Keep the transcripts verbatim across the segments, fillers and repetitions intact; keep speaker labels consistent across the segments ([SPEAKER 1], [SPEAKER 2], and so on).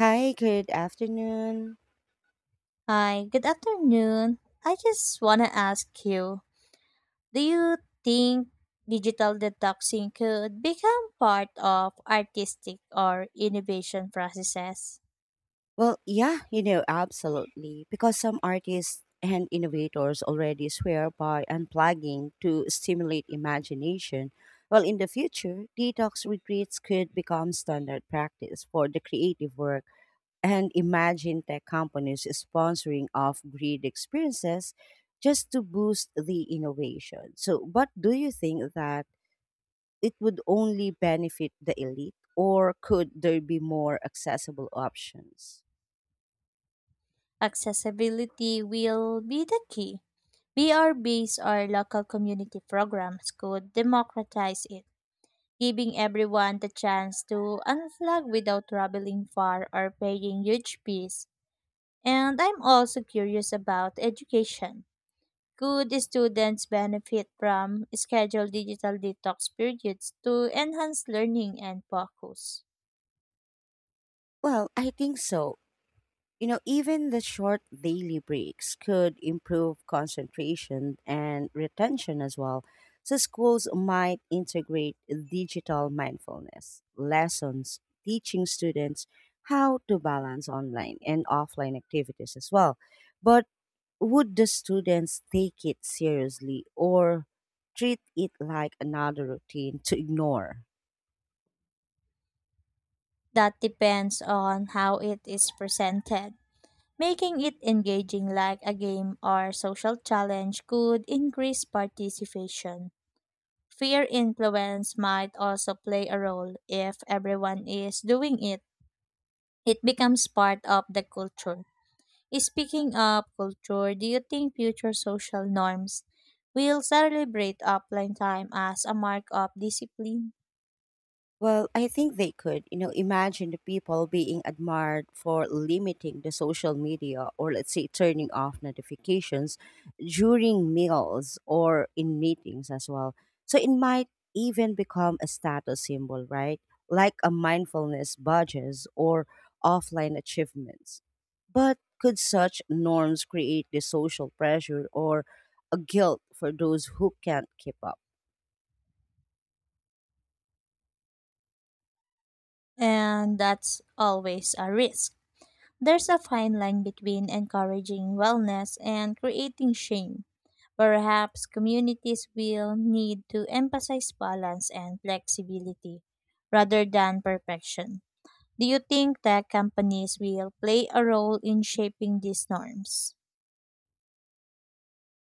[SPEAKER 1] Hi, good afternoon.
[SPEAKER 2] Hi, good afternoon. I just want to ask you, do you think digital detoxing could become part of artistic or innovation processes?
[SPEAKER 1] Well, yeah, you know, absolutely. Because some artists and innovators already swear by unplugging to stimulate imagination. Well, in the future, detox retreats could become standard practice for the creative work. And imagine tech companies sponsoring off grid experiences just to boost the innovation. So, but do you think that? It would only benefit the elite, or could there be more accessible options?
[SPEAKER 2] Accessibility will be the key. B R-based or local community programs could democratize it, giving everyone the chance to unplug without traveling far or paying huge fees. And I'm also curious about education. Could students benefit from scheduled digital detox periods to enhance learning and focus?
[SPEAKER 1] Well, I think so. You know, even the short daily breaks could improve concentration and retention as well. So, schools might integrate digital mindfulness lessons, teaching students how to balance online and offline activities as well. But would the students take it seriously or treat it like another routine to ignore?
[SPEAKER 2] That depends on how it is presented. Making it engaging like a game or social challenge could increase participation. Fear influence might also play a role if everyone is doing it. It becomes part of the culture. Speaking of culture, do you think future social norms will celebrate offline time as a mark of discipline?
[SPEAKER 1] Well, I think they could. You know, imagine the people being admired for limiting the social media or let's say turning off notifications during meals or in meetings as well. So it might even become a status symbol, right? Like a mindfulness badges or offline achievements. But could such norms create the social pressure or a guilt for those who can't keep up?
[SPEAKER 2] And that's always a risk. There's a fine line between encouraging wellness and creating shame. Perhaps communities will need to emphasize balance and flexibility rather than perfection. Do you think tech companies will play a role in shaping these norms?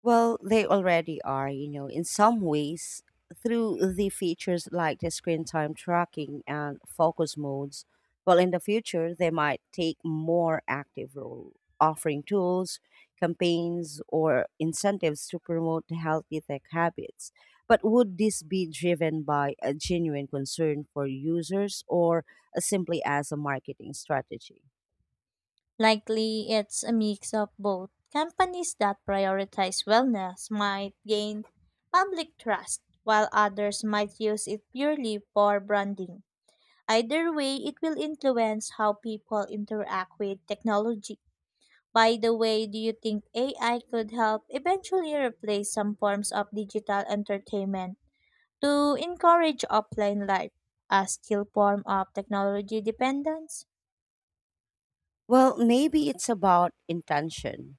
[SPEAKER 1] Well, they already are, you know, in some ways through the features like the screen time tracking and focus modes. Well, in the future, they might take more active role, offering tools, campaigns, or incentives to promote healthy tech habits. But would this be driven by a genuine concern for users or uh, simply as a marketing strategy?
[SPEAKER 2] Likely it's a mix of both. Companies that prioritize wellness might gain public trust, while others might use it purely for branding. Either way, it will influence how people interact with technology. By the way, do you think A I could help eventually replace some forms of digital entertainment to encourage offline life, a still form of technology dependence?
[SPEAKER 1] Well, maybe it's about intention.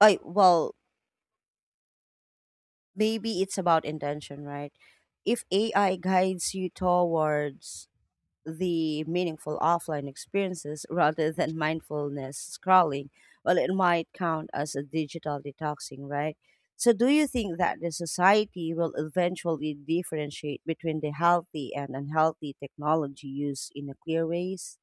[SPEAKER 1] I well, Maybe it's about intention, right? If A I guides you towards the meaningful offline experiences rather than mindfulness scrolling, well, it might count as a digital detoxing, right? So, do you think that the society will eventually differentiate between the healthy and unhealthy technology use in a clear ways?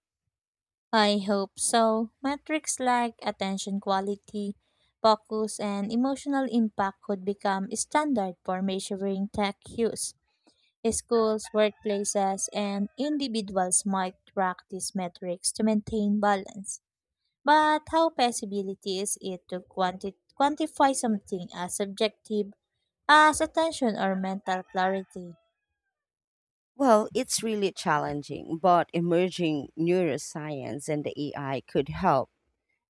[SPEAKER 2] I hope so. Metrics like attention quality, focus, and emotional impact could become standard for measuring tech use. Schools, workplaces, and individuals might track these metrics to maintain balance. But how possible is it to quanti- quantify something as subjective as attention or mental clarity?
[SPEAKER 1] Well, it's really challenging, but emerging neuroscience and the A I could help.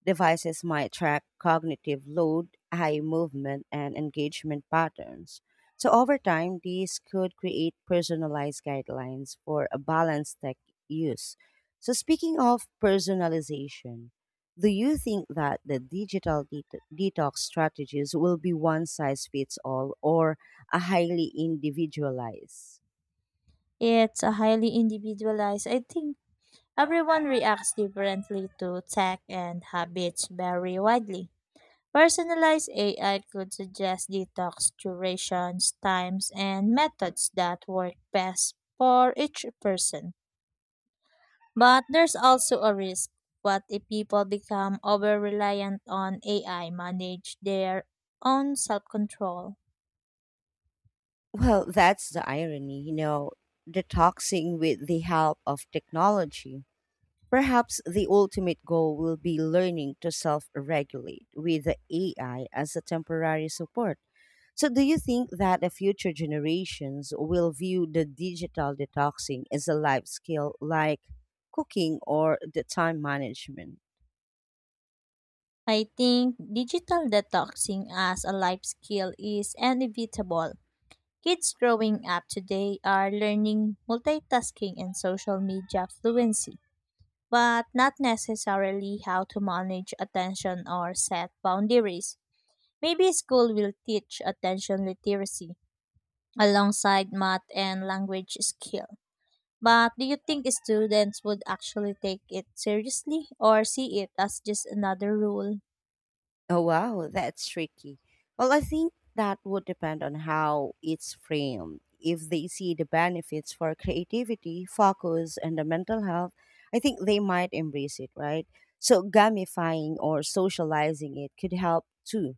[SPEAKER 1] Devices might track cognitive load, eye movement, and engagement patterns. So, over time, these could create personalized guidelines for a balanced tech use. So, speaking of personalization, do you think that the digital det- detox strategies will be one size fits all or a highly individualized?
[SPEAKER 2] It's a highly individualized, I think. Everyone reacts differently to tech and habits vary widely. Personalized A I could suggest detox durations, times, and methods that work best for each person. But there's also a risk. What if people become over reliant on A I manage their own self control?
[SPEAKER 1] Well, that's the irony, you know, detoxing with the help of technology. Perhaps the ultimate goal will be learning to self regulate with the A I as a temporary support. So, do you think that the future generations will view the digital detoxing as a life skill like cooking or the time management?
[SPEAKER 2] I think digital detoxing as a life skill is inevitable. Kids growing up today are learning multitasking and social media fluency, but not necessarily how to manage attention or set boundaries. Maybe school will teach attention literacy alongside math and language skill. But do you think students would actually take it seriously or see it as just another rule?
[SPEAKER 1] Oh, wow, that's tricky. Well, I think that would depend on how it's framed. If they see the benefits for creativity, focus, and the mental health, I think they might embrace it, right? So, gamifying or socializing it could help too.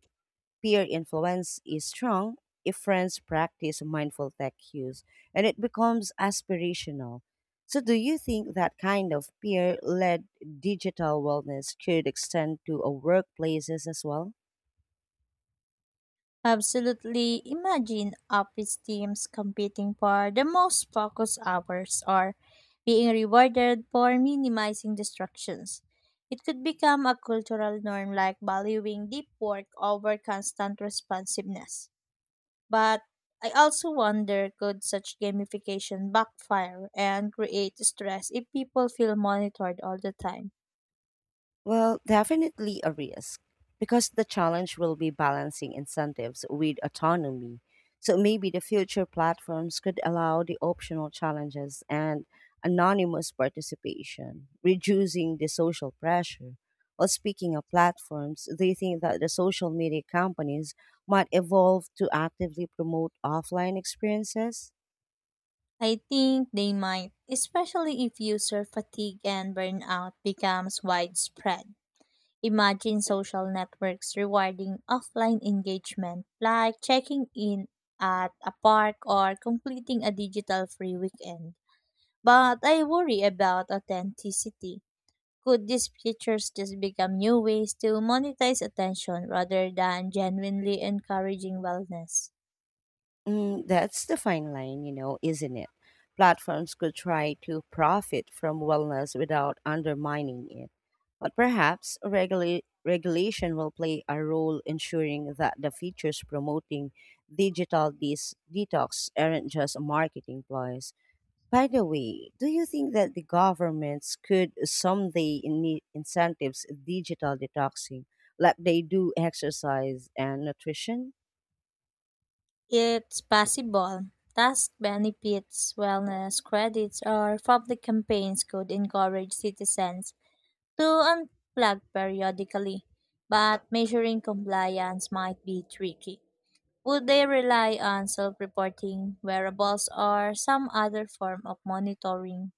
[SPEAKER 1] Peer influence is strong if friends practice mindful tech use and it becomes aspirational. So, do you think that kind of peer led digital wellness could extend to uh, workplaces as well?
[SPEAKER 2] Absolutely. Imagine office teams competing for the most focused hours or being rewarded for minimizing distractions. It could become a cultural norm like valuing deep work over constant responsiveness. But I also wonder, could such gamification backfire and create stress if people feel monitored all the time?
[SPEAKER 1] Well, definitely a risk because the challenge will be balancing incentives with autonomy. So maybe the future platforms could allow the optional challenges and anonymous participation, reducing the social pressure. Well, speaking of platforms, do you think that the social media companies might evolve to actively promote offline experiences?
[SPEAKER 2] I think they might, especially if user fatigue and burnout becomes widespread. Imagine social networks rewarding offline engagement, like checking in at a park or completing a digital free weekend. But I worry about authenticity. Could these features just become new ways to monetize attention rather than genuinely encouraging wellness?
[SPEAKER 1] Mm, that's the fine line, you know, isn't it? Platforms could try to profit from wellness without undermining it. But perhaps regula- regulation will play a role ensuring that the features promoting digital dis- detox aren't just marketing ploys. By the way, do you think that the governments could someday need incentives digital detoxing like they do exercise and nutrition?
[SPEAKER 2] It's possible. Task benefits, wellness credits, or public campaigns could encourage citizens to unplug periodically, but measuring compliance might be tricky. Would they rely on self reporting, wearables, or some other form of monitoring?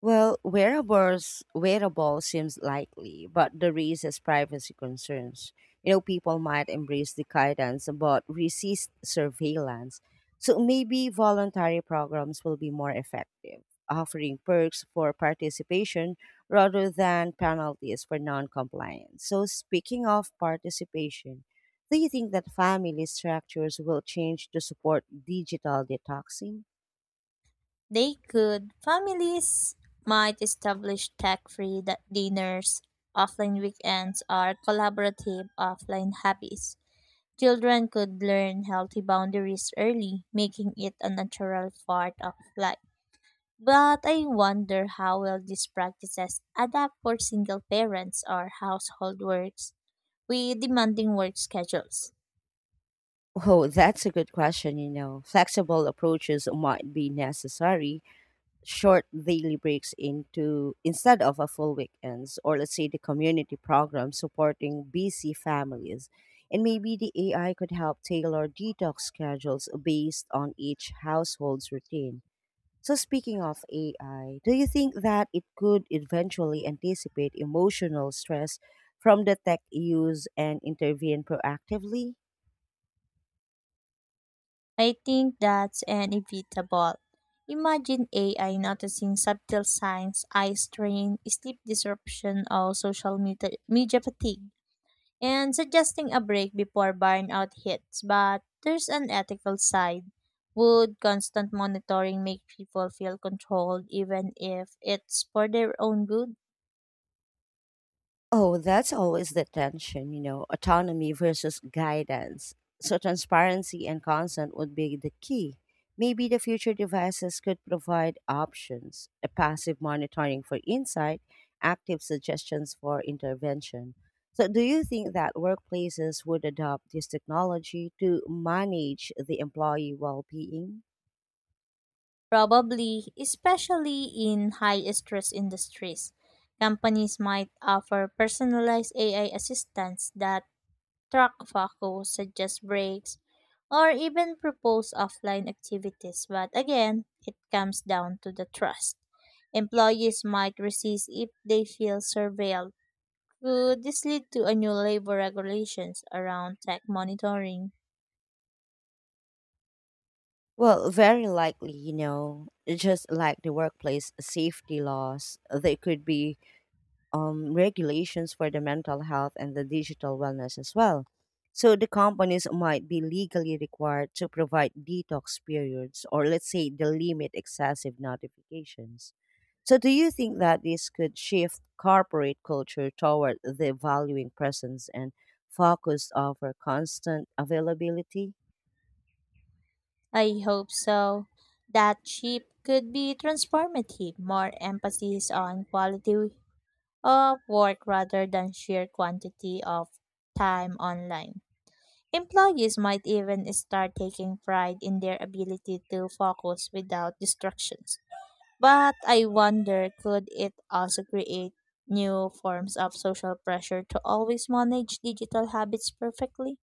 [SPEAKER 1] Well, wearables wearable seems likely, but there raises privacy concerns. You know, people might embrace the guidance but resist surveillance. So maybe voluntary programs will be more effective, offering perks for participation rather than penalties for non-compliance. So speaking of participation, do you think that family structures will change to support digital detoxing?
[SPEAKER 2] They could. Families might establish tech free dinners, offline weekends, or collaborative offline hobbies. Children could learn healthy boundaries early, making it a natural part of life. But I wonder how well these practices adapt for single parents or household works with demanding work schedules.
[SPEAKER 1] Oh, that's a good question, you know. Flexible approaches might be necessary, short daily breaks into instead of a full weekends, or let's say the community program supporting busy families. And maybe the A I could help tailor detox schedules based on each household's routine. So speaking of A I, do you think that it could eventually anticipate emotional stress from the tech use and intervene proactively?
[SPEAKER 2] I think that's inevitable. Imagine A I noticing subtle signs, eye strain, sleep disruption, or social media, media fatigue, and suggesting a break before burnout hits. But there's an ethical side. Would constant monitoring make people feel controlled even if it's for their own good?
[SPEAKER 1] Oh, that's always the tension, you know, autonomy versus guidance. So, transparency and consent would be the key. Maybe the future devices could provide options a passive monitoring for insight, active suggestions for intervention. So, do you think that workplaces would adopt this technology to manage the employee well being?
[SPEAKER 2] Probably, especially in high stress industries, companies might offer personalized A I assistants that track focus, suggest breaks, or even propose offline activities. But again, it comes down to the trust. Employees might resist if they feel surveilled. Could this lead to a new labor regulations around tech monitoring?
[SPEAKER 1] Well, very likely, you know, just like the workplace safety laws, they could be um, regulations for the mental health and the digital wellness as well. So the companies might be legally required to provide detox periods or let's say the limit excessive notifications. So do you think that this could shift corporate culture toward the valuing presence and focus over constant availability?
[SPEAKER 2] I hope so. That chip could be transformative, more emphasis on quality of work rather than sheer quantity of time online. Employees might even start taking pride in their ability to focus without distractions. But I wonder, could it also create new forms of social pressure to always manage digital habits perfectly?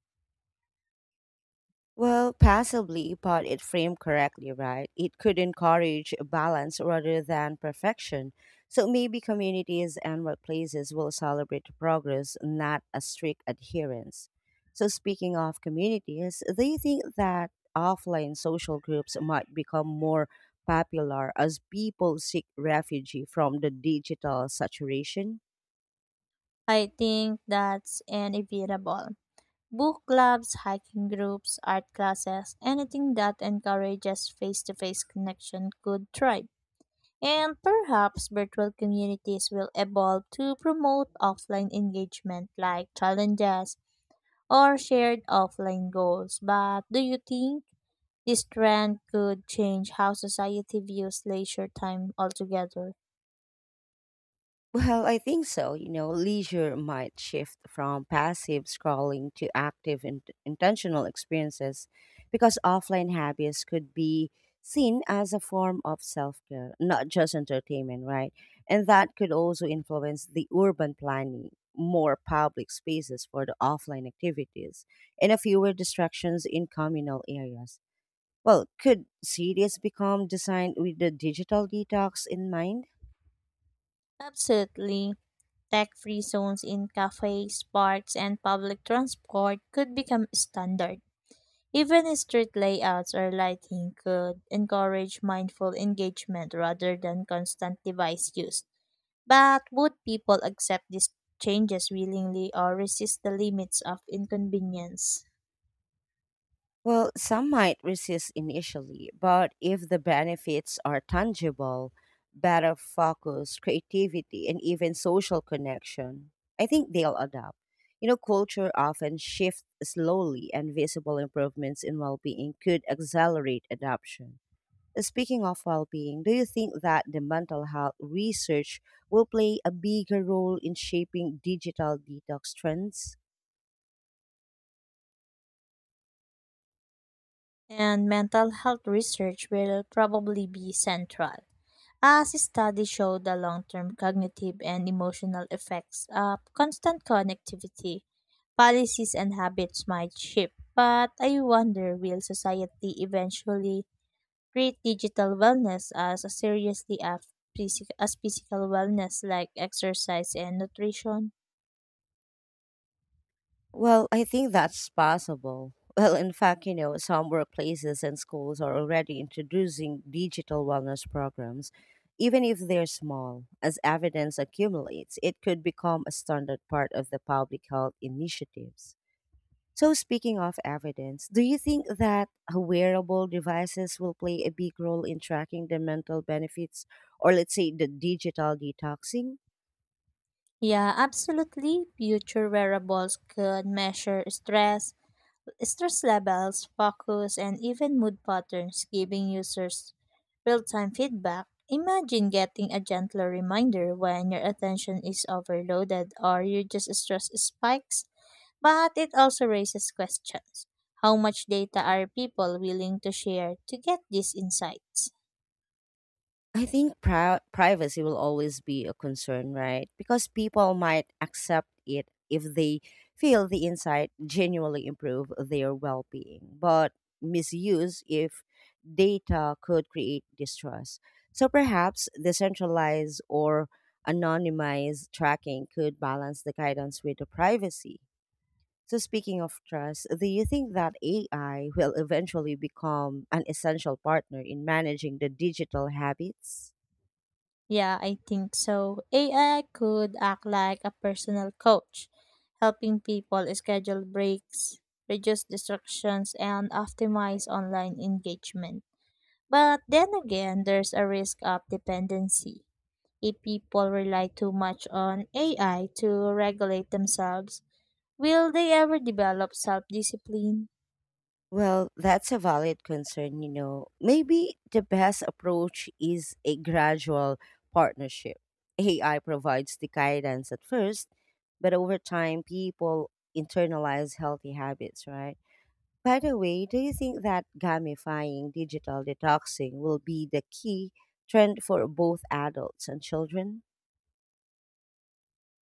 [SPEAKER 1] Well, possibly, but it framed correctly, right? It could encourage balance rather than perfection. So maybe communities and workplaces will celebrate progress, not a strict adherence. So, speaking of communities, do you think that offline social groups might become more popular as people seek refuge from the digital saturation?
[SPEAKER 2] I think that's inevitable. Book clubs, hiking groups, art classes, anything that encourages face to face connection could thrive. And perhaps virtual communities will evolve to promote offline engagement like challenges or shared offline goals. But do you think this trend could change how society views leisure time altogether?
[SPEAKER 1] Well, I think so. You know, leisure might shift from passive scrolling to active and intentional experiences because offline hobbies could be seen as a form of self care, not just entertainment, right? And that could also influence the urban planning, more public spaces for the offline activities, and a fewer distractions in communal areas. Well, could cities become designed with the digital detox in mind?
[SPEAKER 2] Absolutely. Tech free zones in cafes, parks, and public transport could become standard. Even street layouts or lighting could encourage mindful engagement rather than constant device use. But would people accept these changes willingly or resist the limits of inconvenience?
[SPEAKER 1] Well, some might resist initially, but if the benefits are tangible, better focus, creativity, and even social connection, I think they'll adapt. You know, culture often shifts slowly, and visible improvements in well being could accelerate adoption. Uh, Speaking of well being, do you think that the mental health research will play a bigger role in shaping digital detox trends?
[SPEAKER 2] And mental health research will probably be central, as studies show the long term cognitive and emotional effects of constant connectivity policies and habits might shift, but I wonder, will society eventually treat digital wellness as seriously as, physic- as physical wellness like exercise and nutrition.
[SPEAKER 1] Well, I think that's possible. Well, in fact, you know, some workplaces and schools are already introducing digital wellness programs, even if they're small. As evidence accumulates, it could become a standard part of the public health initiatives. So, speaking of evidence, do you think that wearable devices will play a big role in tracking the mental benefits or, let's say, the digital detoxing?
[SPEAKER 2] Yeah, absolutely. Future wearables could measure stress, stress levels, focus, and even mood patterns, giving users real time feedback. Imagine getting a gentler reminder when your attention is overloaded or your just stress spikes. But it also raises questions. How much data are people willing to share to get these insights?
[SPEAKER 1] I think pri- privacy will always be a concern, right? Because people might accept it if they feel the insight genuinely improve their well-being, but misuse if data could create distrust. So perhaps decentralized or anonymized tracking could balance the guidance with the privacy. So speaking of trust, do you think that A I will eventually become an essential partner in managing the digital habits?
[SPEAKER 2] Yeah, I think so. A I could act like a personal coach, helping people schedule breaks, reduce distractions, and optimize online engagement. But then again, there's a risk of dependency. If people rely too much on A I to regulate themselves, will they ever develop self discipline?
[SPEAKER 1] Well, that's a valid concern, you know. Maybe the best approach is a gradual partnership. A I provides the guidance at first, but over time, people internalize healthy habits, right? By the way, do you think that gamifying digital detoxing will be the key trend for both adults and children?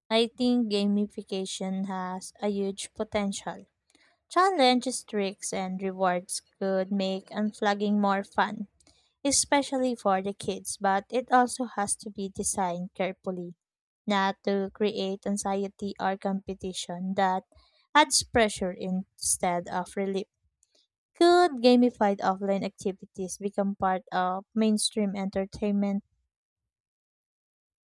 [SPEAKER 2] I think gamification has a huge potential. Challenges, tricks, and rewards could make unflagging more fun, especially for the kids, but it also has to be designed carefully, not to create anxiety or competition that adds pressure instead of relief. Could gamified offline activities become part of mainstream entertainment?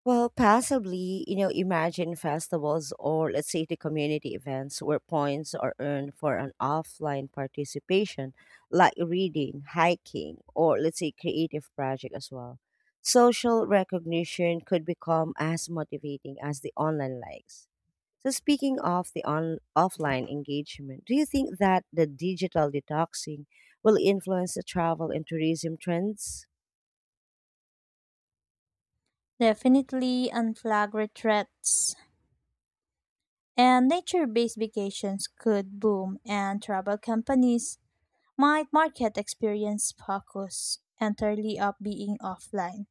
[SPEAKER 1] Well, possibly, you know, imagine festivals or let's say the community events where points are earned for an offline participation, like reading, hiking, or let's say creative project as well. Social recognition could become as motivating as the online likes. So speaking of the on offline engagement, do you think that the digital detoxing will influence the travel and tourism trends?
[SPEAKER 2] Definitely unflagged threats. And nature based vacations could boom, and travel companies might market experience focus entirely of being offline.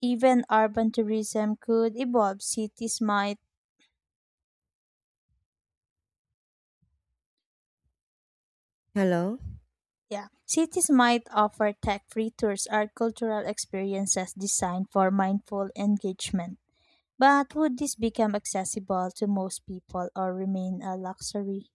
[SPEAKER 2] Even urban tourism could evolve. Cities might,
[SPEAKER 1] Hello?
[SPEAKER 2] yeah, cities might offer tech-free tours or cultural experiences designed for mindful engagement. But would this become accessible to most people or remain a luxury?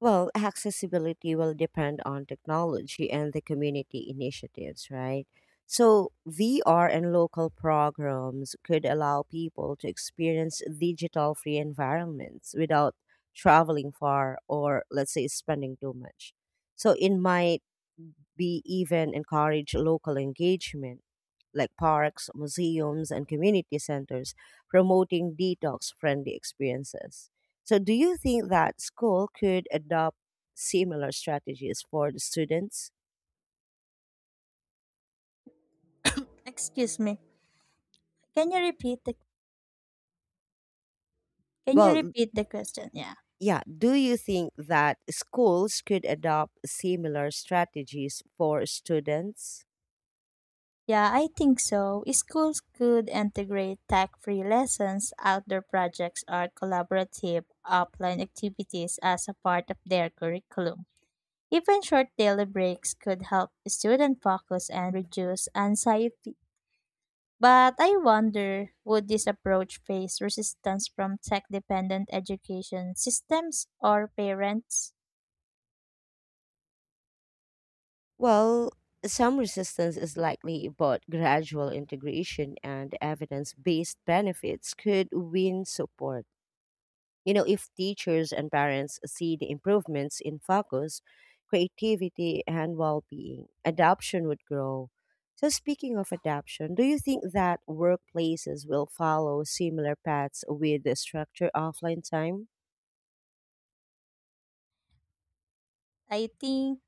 [SPEAKER 1] Well, accessibility will depend on technology and the community initiatives, right? So, V R and local programs could allow people to experience digital free environments without traveling far or, let's say, spending too much. So, in my we even encourage local engagement, like parks, museums, and community centers, promoting detox friendly experiences. So, do you think that school could adopt similar strategies for the students?
[SPEAKER 2] Excuse me. Can you repeat the Can you
[SPEAKER 1] Well,
[SPEAKER 2] repeat the question? Yeah.
[SPEAKER 1] yeah, do you think that schools could adopt similar strategies for students?
[SPEAKER 2] Yeah, I think so. Schools could integrate tech free lessons, outdoor projects, or collaborative offline activities as a part of their curriculum. Even short daily breaks could help students focus and reduce anxiety. But I wonder, would this approach face resistance from tech dependent education systems or parents?
[SPEAKER 1] Well, some resistance is likely, but gradual integration and evidence based benefits could win support. You know, if teachers and parents see the improvements in focus, creativity, and well being, adoption would grow. So, speaking of adoption, do you think that workplaces will follow similar paths with the structure offline time?
[SPEAKER 2] I think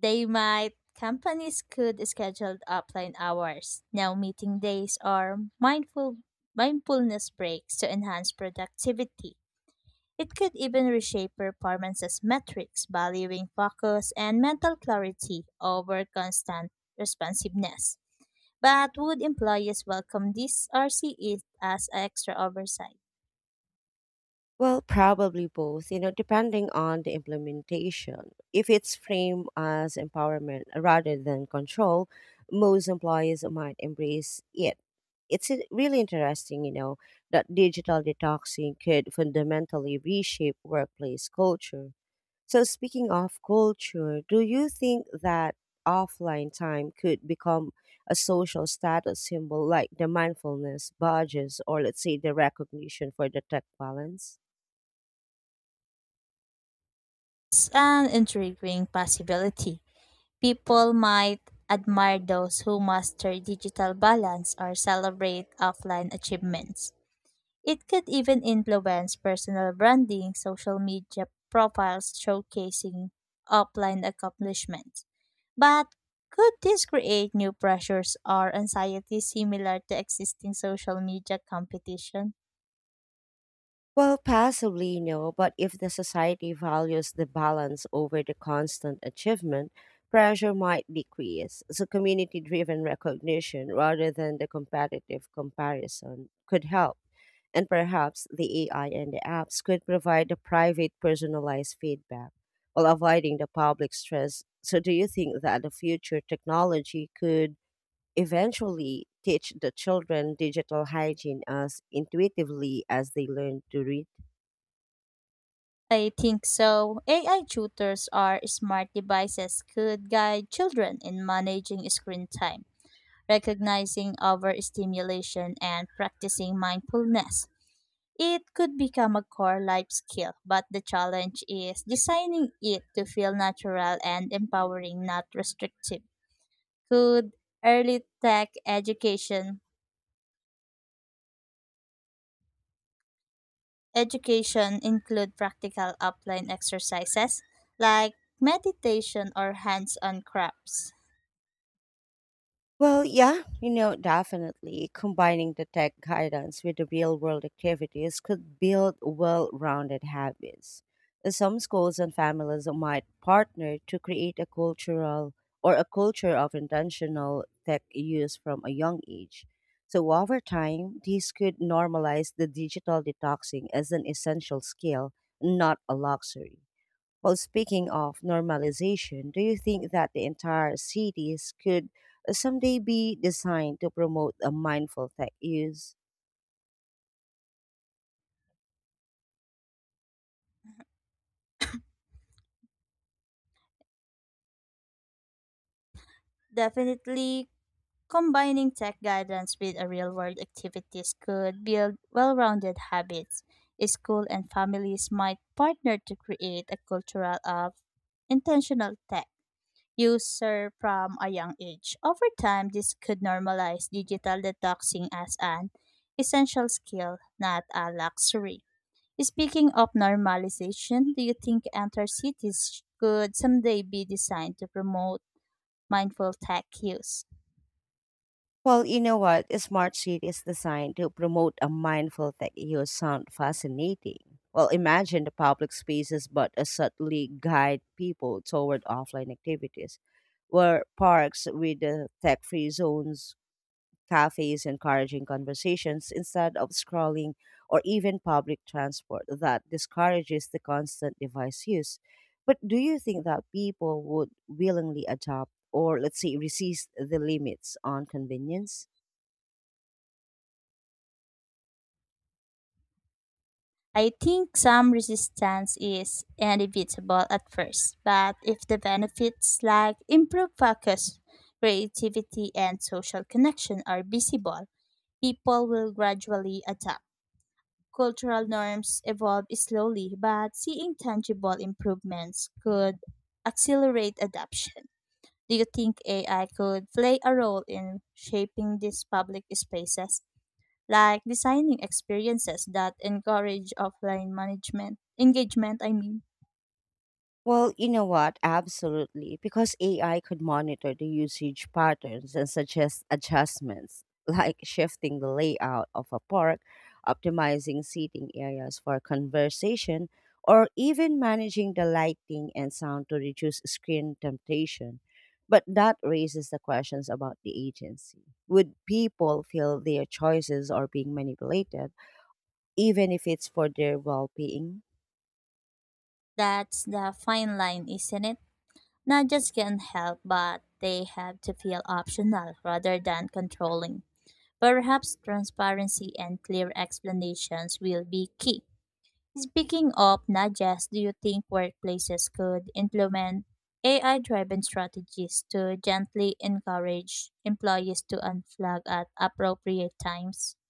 [SPEAKER 2] they might. Companies could schedule offline hours, no meeting days, or mindful mindfulness breaks to enhance productivity. It could even reshape performances metrics, valuing focus and mental clarity over constant responsiveness. But would employees welcome this or see it as extra oversight?
[SPEAKER 1] Well, probably both, you know, depending on the implementation. If it's framed as empowerment rather than control, most employees might embrace it. It's i- really interesting, you know, that digital detoxing could fundamentally reshape workplace culture. So, speaking of culture, do you think that offline time could become a social status symbol like the mindfulness badges or, let's say, the recognition for the tech balance?
[SPEAKER 2] It's an intriguing possibility. People might admire those who master digital balance or celebrate offline achievements. It could even influence personal branding, social media profiles showcasing offline accomplishments. But could this create new pressures or anxiety similar to existing social media competition?
[SPEAKER 1] Well, possibly no, but if the society values the balance over the constant achievement, pressure might decrease. So, community driven recognition rather than the competitive comparison could help. And perhaps the A I and the apps could provide the private personalized feedback while avoiding the public stress. So, do you think that the future technology could eventually teach the children digital hygiene as intuitively as they learn to read?
[SPEAKER 2] I think so. A I tutors or smart devices could guide children in managing screen time, recognizing overstimulation, and practicing mindfulness. It could become a core life skill, but the challenge is designing it to feel natural and empowering, not restrictive. Could early tech education education include practical upline exercises like meditation or hands-on crafts?
[SPEAKER 1] Well, yeah, you know, definitely combining the tech guidance with the real world activities could build well rounded habits. Uh, Some schools and families might partner to create a cultural or a culture of intentional tech use from a young age. So, over time, these could normalize the digital detoxing as an essential skill, not a luxury. Well, speaking of normalization, do you think that the entire cities could uh, someday be designed to promote a mindful tech use?
[SPEAKER 2] Definitely. Combining tech guidance with a real world activities could build well rounded habits. School and families might partner to create a cultural of intentional tech user from a young age. Over time, this could normalize digital detoxing as an essential skill, not a luxury. Speaking of normalization, do you think entire cities could someday be designed to promote mindful tech use?
[SPEAKER 1] Well, you know what? A smart cities designed to promote a mindful tech use sound fascinating. Well, imagine the public spaces but uh, subtly guide people toward offline activities, where parks with uh, tech-free zones cafes encouraging conversations instead of scrolling, or even public transport that discourages the constant device use. But do you think that people would willingly adopt or, let's say, resist the limits on convenience?
[SPEAKER 2] I think some resistance is inevitable at first, but if the benefits like improved focus, creativity, and social connection are visible, people will gradually adapt. Cultural norms evolve slowly, but seeing tangible improvements could accelerate adoption. Do you think A I could play a role in shaping these public spaces, like designing experiences that encourage offline management engagement, I mean?
[SPEAKER 1] Well, you know what? Absolutely. Because A I could monitor the usage patterns and suggest adjustments, like shifting the layout of a park, optimizing seating areas for conversation, or even managing the lighting and sound to reduce screen temptation. But that raises the questions about the agency. Would people feel their choices are being manipulated, even if it's for their well being?
[SPEAKER 2] That's the fine line, isn't it? Not just can help, but they have to feel optional rather than controlling. Perhaps transparency and clear explanations will be key. Speaking of nudges, do you think workplaces could implement A I driven strategies to gently encourage employees to unflag at appropriate times?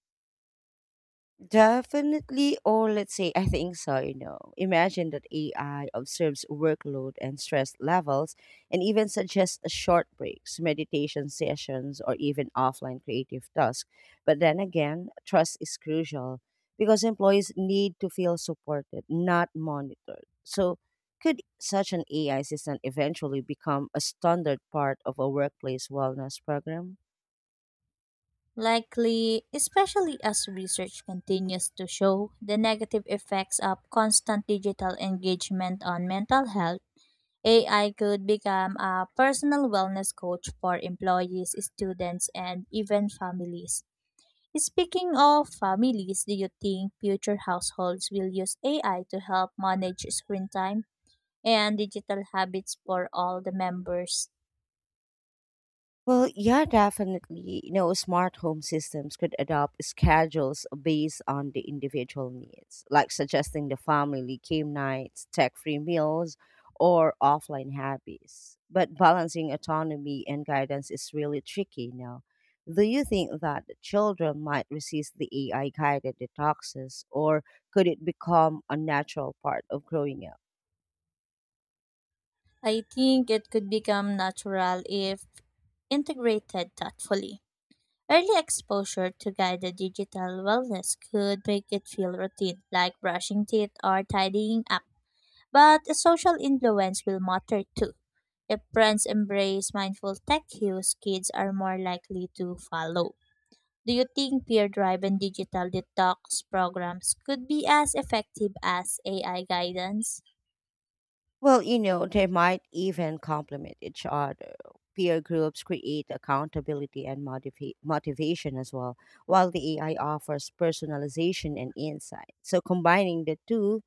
[SPEAKER 1] Definitely, or let's say, I think so, you know. Imagine that A I observes workload and stress levels and even suggests short breaks, meditation sessions, or even offline creative tasks. But then again, trust is crucial because employees need to feel supported, not monitored. So, could such an A I system eventually become a standard part of a workplace wellness program?
[SPEAKER 2] Likely, especially as research continues to show the negative effects of constant digital engagement on mental health, A I could become a personal wellness coach for employees, students, and even families. Speaking of families, do you think future households will use A I to help manage screen time and digital habits for all the members?
[SPEAKER 1] Well, yeah, definitely. You know, smart home systems could adopt schedules based on the individual needs, like suggesting the family game nights, tech free meals, or offline hobbies. But balancing autonomy and guidance is really tricky now. Do you think that children might resist the A I guided detoxes, or could it become a natural part of growing up?
[SPEAKER 2] I think it could become natural if integrated thoughtfully. Early exposure to guided digital wellness could make it feel routine, like brushing teeth or tidying up. But social influence will matter too. If parents embrace mindful tech use, kids are more likely to follow. Do you think peer driven digital detox programs could be as effective as A I guidance?
[SPEAKER 1] Well, you know, they might even complement each other. Peer groups create accountability and motiva- motivation as well, while the A I offers personalization and insight. So, combining the two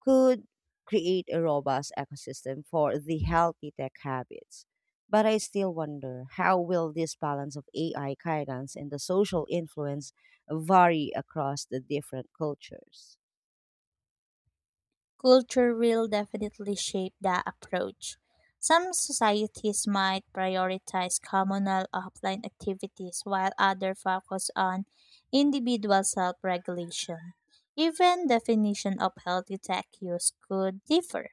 [SPEAKER 1] could create a robust ecosystem for the healthy tech habits. But I still wonder how will this balance of A I guidance and the social influence vary across the different cultures?
[SPEAKER 2] Culture will definitely shape the approach. Some societies might prioritize communal offline activities while others focus on individual self regulation. Even definition of healthy tech use could differ.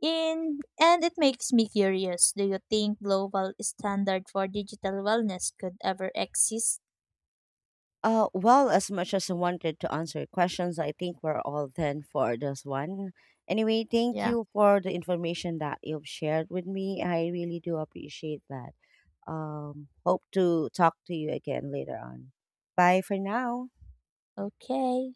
[SPEAKER 2] In, and it makes me curious, do you think global standard for digital wellness could ever exist?
[SPEAKER 1] Uh, well, as much as I wanted to answer questions, I think we're all done for this one. Anyway, thank
[SPEAKER 2] Yeah.
[SPEAKER 1] you for the information that you've shared with me. I really do appreciate that. Um, hope to talk to you again later on. Bye for now.
[SPEAKER 2] Okay.